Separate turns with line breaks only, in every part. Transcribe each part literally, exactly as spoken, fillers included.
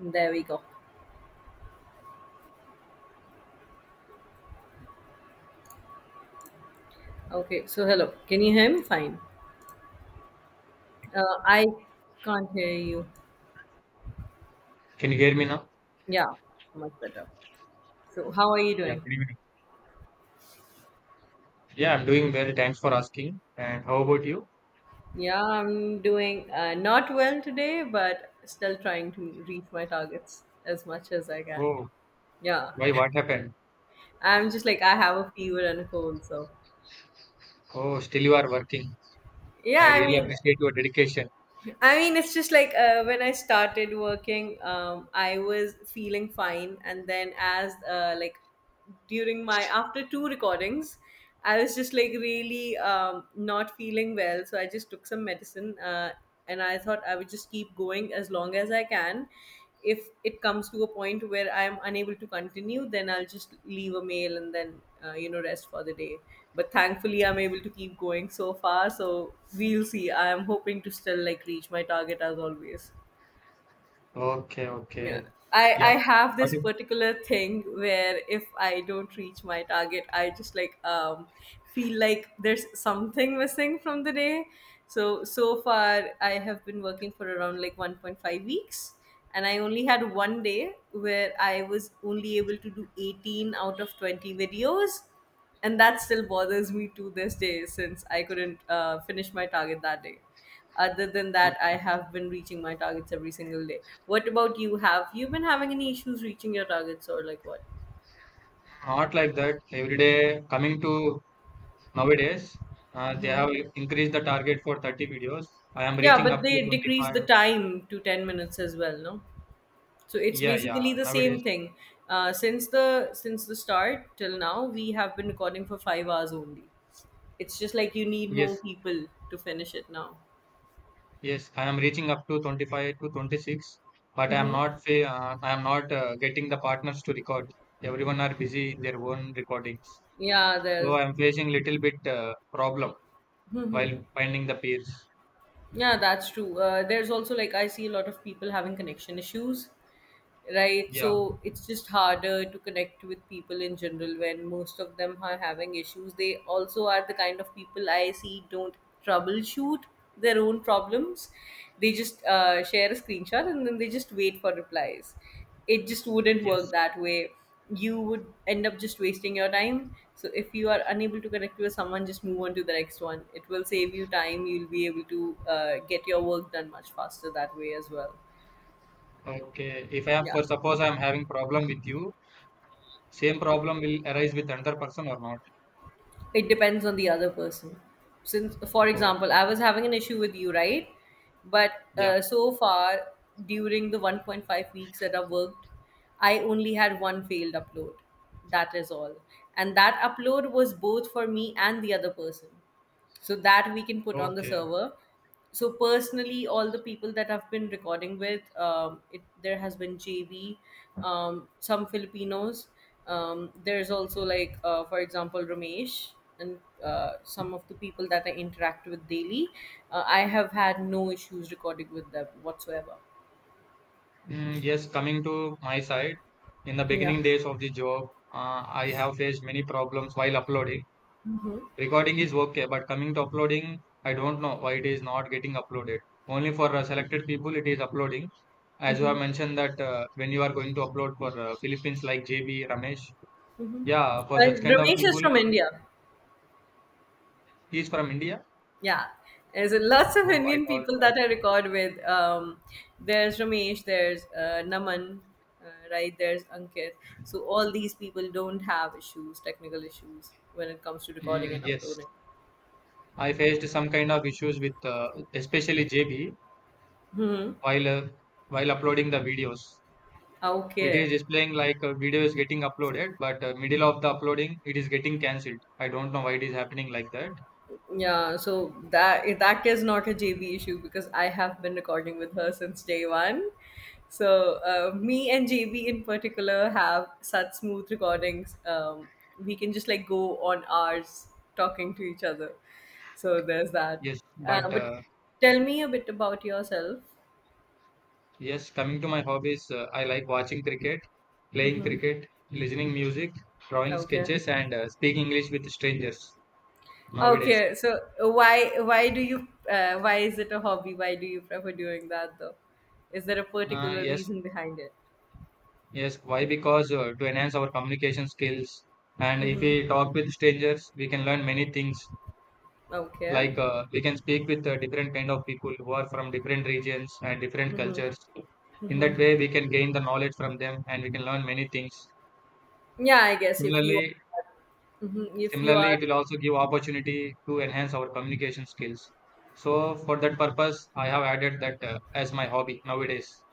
There we go. Okay, so hello. Can you hear me fine? Uh, I can't hear you.
Can you hear me now?
Yeah, much better. So, how are you
Yeah,
doing?
good evening. Yeah, I'm doing well. Thanks for asking. And how about you?
Yeah, I'm doing uh, not well today, but still trying to reach my targets as much as I can.
Oh.
Yeah,
Why, what happened?
I'm just like, I have a fever and a cold, so
Oh, still you are working. I
yeah, I
really
mean,
appreciate your dedication.
I mean, it's just like uh, when I started working, um, I was feeling fine, and then as uh, like during my after two recordings, I was just like really um, not feeling well. So I just took some medicine, uh, and I thought I would just keep going as long as I can. If it comes to a point where I am unable to continue, then I'll just leave a mail and then uh, you know rest for the day. But thankfully I'm able to keep going so far, so we'll see. I am hoping to still like reach my target as always.
Okay, okay.
Yeah, i i
Yeah.
have
What
this
if-
particular thing where if I don't reach my target I just like um feel like there's something missing from the day. So so far I have been working for around like one point five weeks, and I only had one day where I was only able to do eighteen out of twenty videos, and that still bothers me to this day since I couldn't uh, finish my target that day. Other than that, I
okay.
have been reaching my targets every single day. What about you, have you been having any issues reaching your targets or like what?
Not like that. Every day coming to nowadays, uh, they
Mhm.
have increased the target for thirty videos. I am
Yeah,
reaching
but
up to
they decrease the
twenty-five.
time to ten minutes as well, no? So it's
Yeah, yeah.
basically the same
Nowadays,
thing. Uh, since the since the start till now we have been recording for five hours only. It's just like you need
yes.
more people to finish it now.
Yes, I am reaching up to twenty-five to twenty-six, but I am not fa- uh, I am not uh, getting the partners to record. Everyone are busy in their own recordings.
Yeah,
So
there's
I am facing little bit uh, problem while finding the peers.
Yeah, that's true. Uh, there's also like I see a lot of people having connection issues, right?
Yeah,
So it's just harder to connect with people in general when most of them are having issues. They also are the kind of people I see don't troubleshoot their own problems. They just uh, share a screenshot and then they just wait for replies. It just wouldn't work
yes.
that way. You would end up just wasting your time. So if you are unable to connect with someone, just move on to the next one. It will save you time. You'll be able to uh, get your work done much faster that way as well.
Okay. If I am
Yeah.
for suppose I am having problem with you, same problem will arise with another person or not.
It depends on the other person, since for example I
Okay.
was having an issue with you, right? But
Yeah.
uh, so far during the one point five weeks that I worked, I only had one failed upload, that is all. And that upload was both for me and the other person, so that we can put on the
Okay.
server. So personally, all the people that I've been recording with, um, it, there has been JV, um, some Filipinos, um, there's also like uh, for example Ramesh, and uh, some of the people that I interact with daily, uh, I have had no issues recording with them whatsoever.
Mm, yes, coming to my side, in the
Yeah.
beginning days of the job, uh, I have faced many problems while uploading. Recording is okay, but coming to uploading, I don't know why it is not getting uploaded. Only for uh, selected people it is uploading. As you
Mm-hmm.
have mentioned that uh, when you are going to upload for uh, Philippines like J B, Ramesh,
Mm-hmm.
yeah, for
Uh,
such kind of
ramesh is
people,
from India.
he is from India.
Yeah, there's a, lots of
Oh, I
Indian
thought,
people
uh,
that I record with. Um, there's Ramesh, there's uh, Naman, uh, right? There's Ankit. So all these people don't have issues, technical issues, when it comes to recording
mm,
and
yes,
uploading.
I faced some kind of issues with uh, especially J B
Hmm.
while uh, while uploading the videos. It
Okay.
is displaying like a video is getting uploaded, but uh, middle of the uploading, it is getting cancelled. I don't know why it is happening like that.
Yeah, so that that is not a J B issue because I have been recording with her since day one. So uh, me and J B in particular have such smooth recordings. Um, we can just like go on hours talking to each other. So there's that.
Yes,
Uh,
but
but
uh,
tell me a bit about yourself.
yes, coming to my hobbies, uh, I like watching cricket, playing
Mm-hmm.
cricket, listening music, drawing
Okay.
sketches, and uh, speaking English with strangers nowadays.
Okay. So why why do you uh, why is it a hobby? Why do you prefer doing that though? Is there a
Uh,
particular
yes,
reason behind it?
yes. Why? Because uh, to enhance our communication skills, and if
Mm-hmm.
we talk with strangers, we can learn many things.
Okay.
Like uh, we can speak with uh, different kind of people who are from different regions and different cultures. In that
Hmm.
way, we can gain the knowledge from them, and we can learn many things.
Yeah, I guess if you
Similarly,
mhm, if you
Similarly,
are
it
the.
will also give opportunity to enhance our communication skills. So for that purpose, I have added that uh, as my hobby nowadays.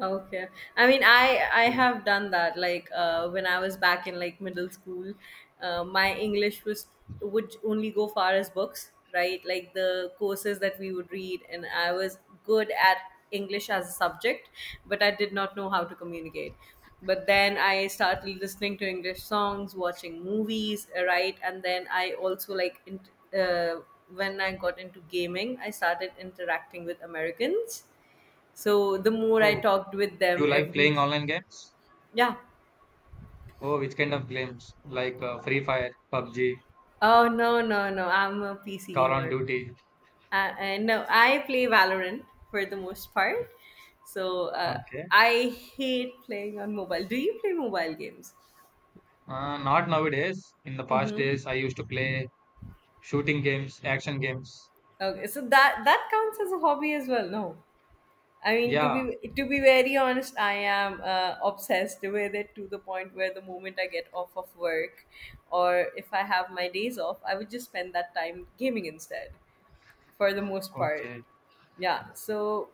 Okay. I mean, I I
Yeah.
have done that. Like uh, when I was back in like middle school, uh, my English was would only go far as books, right? Like the courses that we would read, and I was good at English as a subject, but I did not know how to communicate. But then I started listening to English songs, watching movies, right? And then I also like in, uh, when I got into gaming, I started interacting with Americans, so the more I
Oh,
talked with
you
them
like
every,
playing online games?
yeah.
Oh, which kind of games? Like uh, Free Fire, P U B G,
Oh, no, no, no! I'm a P C
Call on
gamer.
Duty.
Uh, and no, I play Valorant for the most part. So uh,
Okay.
I hate playing on mobile. Do you play mobile games?
Uh, not nowadays. In the past
Mm-hmm.
days, I used to play shooting games, action games.
Okay, so that that counts as a hobby as well. No, I mean to be
Yeah,
to be very honest, I am uh, obsessed with it to the point where the moment I get off of work, or if I have my days off, I would just spend that time gaming instead. For the most part.
okay.
Yeah, so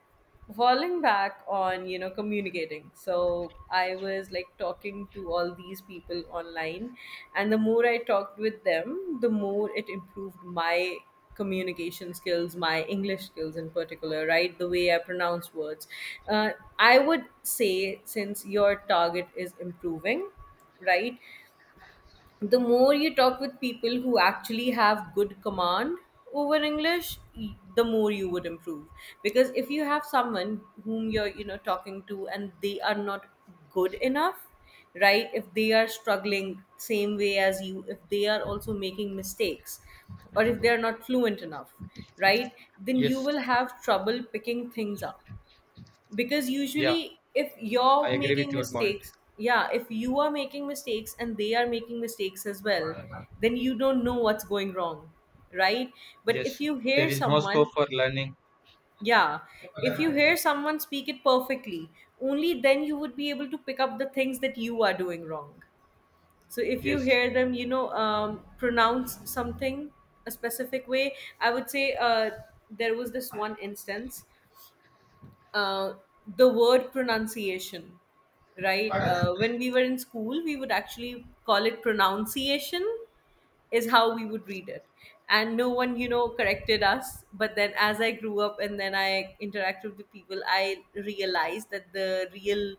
falling back on you know communicating, so I was like talking to all these people online, and the more I talked with them the more it improved my communication skills, my English skills in particular, right? The way I pronounce words. uh, I would say, since your target is improving, right, the more you talk with people who actually have good command over English, y- the more you would improve. Because if you have someone whom you're you know talking to and they are not good enough, right? If they are struggling same way as you, if they are also making mistakes or if they are not fluent enough, right, then you
Yes,
will have trouble picking things up. Because
yeah,
usually if
I
you're
agree with
making
your point.
mistakes, yeah, if you are making mistakes and they are making mistakes as well, then you don't know what's going wrong, right? But if
Yes,
you
there
hear
is no scope
someone,
for learning.
yeah, if you hear someone speak it perfectly, only then you would be able to pick up the things that you are doing wrong. So if you hear them, you know, um, pronounce something a specific way, I would say uh, there was this one instance, uh, the word pronunciation, right? Uh, when we were in school, we would actually call it pronunciation, is how we would read it. And no one, you know, corrected us. But then as I grew up and then I interacted with people, I realized that the real,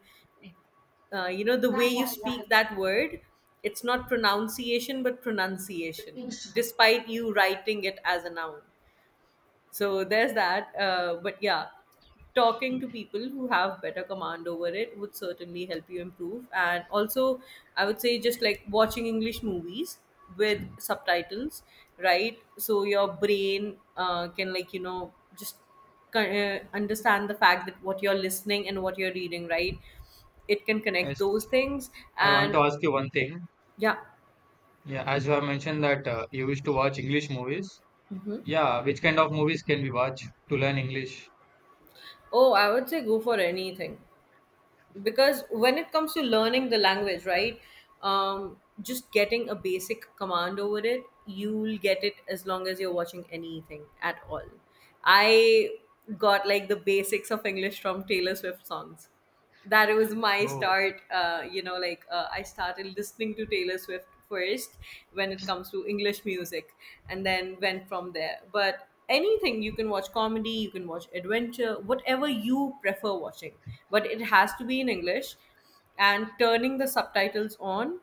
uh, you know, the way you
Yes.
speak that word, it's not pronunciation, but pronunciation, despite you writing it as a noun. So there's that. Uh, but yeah, talking to people who have better command over it would certainly help you improve. And also, I would say just like watching English movies with subtitles, right? So your brain uh, can, like, you know, just uh, understand the fact that what you're listening and what you're reading, right? It can connect
Yes,
those things.
I want
And
to ask you one thing.
yeah,
Yeah, as you have mentioned that uh, you wish to watch English movies. Yeah, which kind of movies can we watch to learn English?
oh, I would say go for anything. Because when it comes to learning the language, right, um, just getting a basic command over it you'll get it as long as you're watching anything at all. I got like the basics of English from Taylor Swift songs. That was my
Oh,
start. uh, you know like uh, I started listening to Taylor Swift first when it comes to English music, and then went from there. But anything, you can watch comedy, you can watch adventure, whatever you prefer watching, but it has to be in English. And turning the subtitles on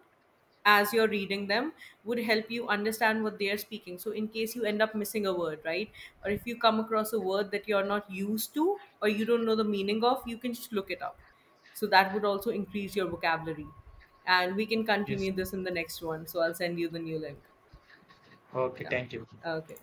as you're reading them would help you understand what they're speaking. So, in case you end up missing a word, right? Or if you come across a word that you're not used to or you don't know the meaning of, you can just look it up. So, that would also increase your vocabulary. And we can
yes.
continue this in the next one. So, I'll send you the new link.
Okay,
Yeah.
thank you.
Okay.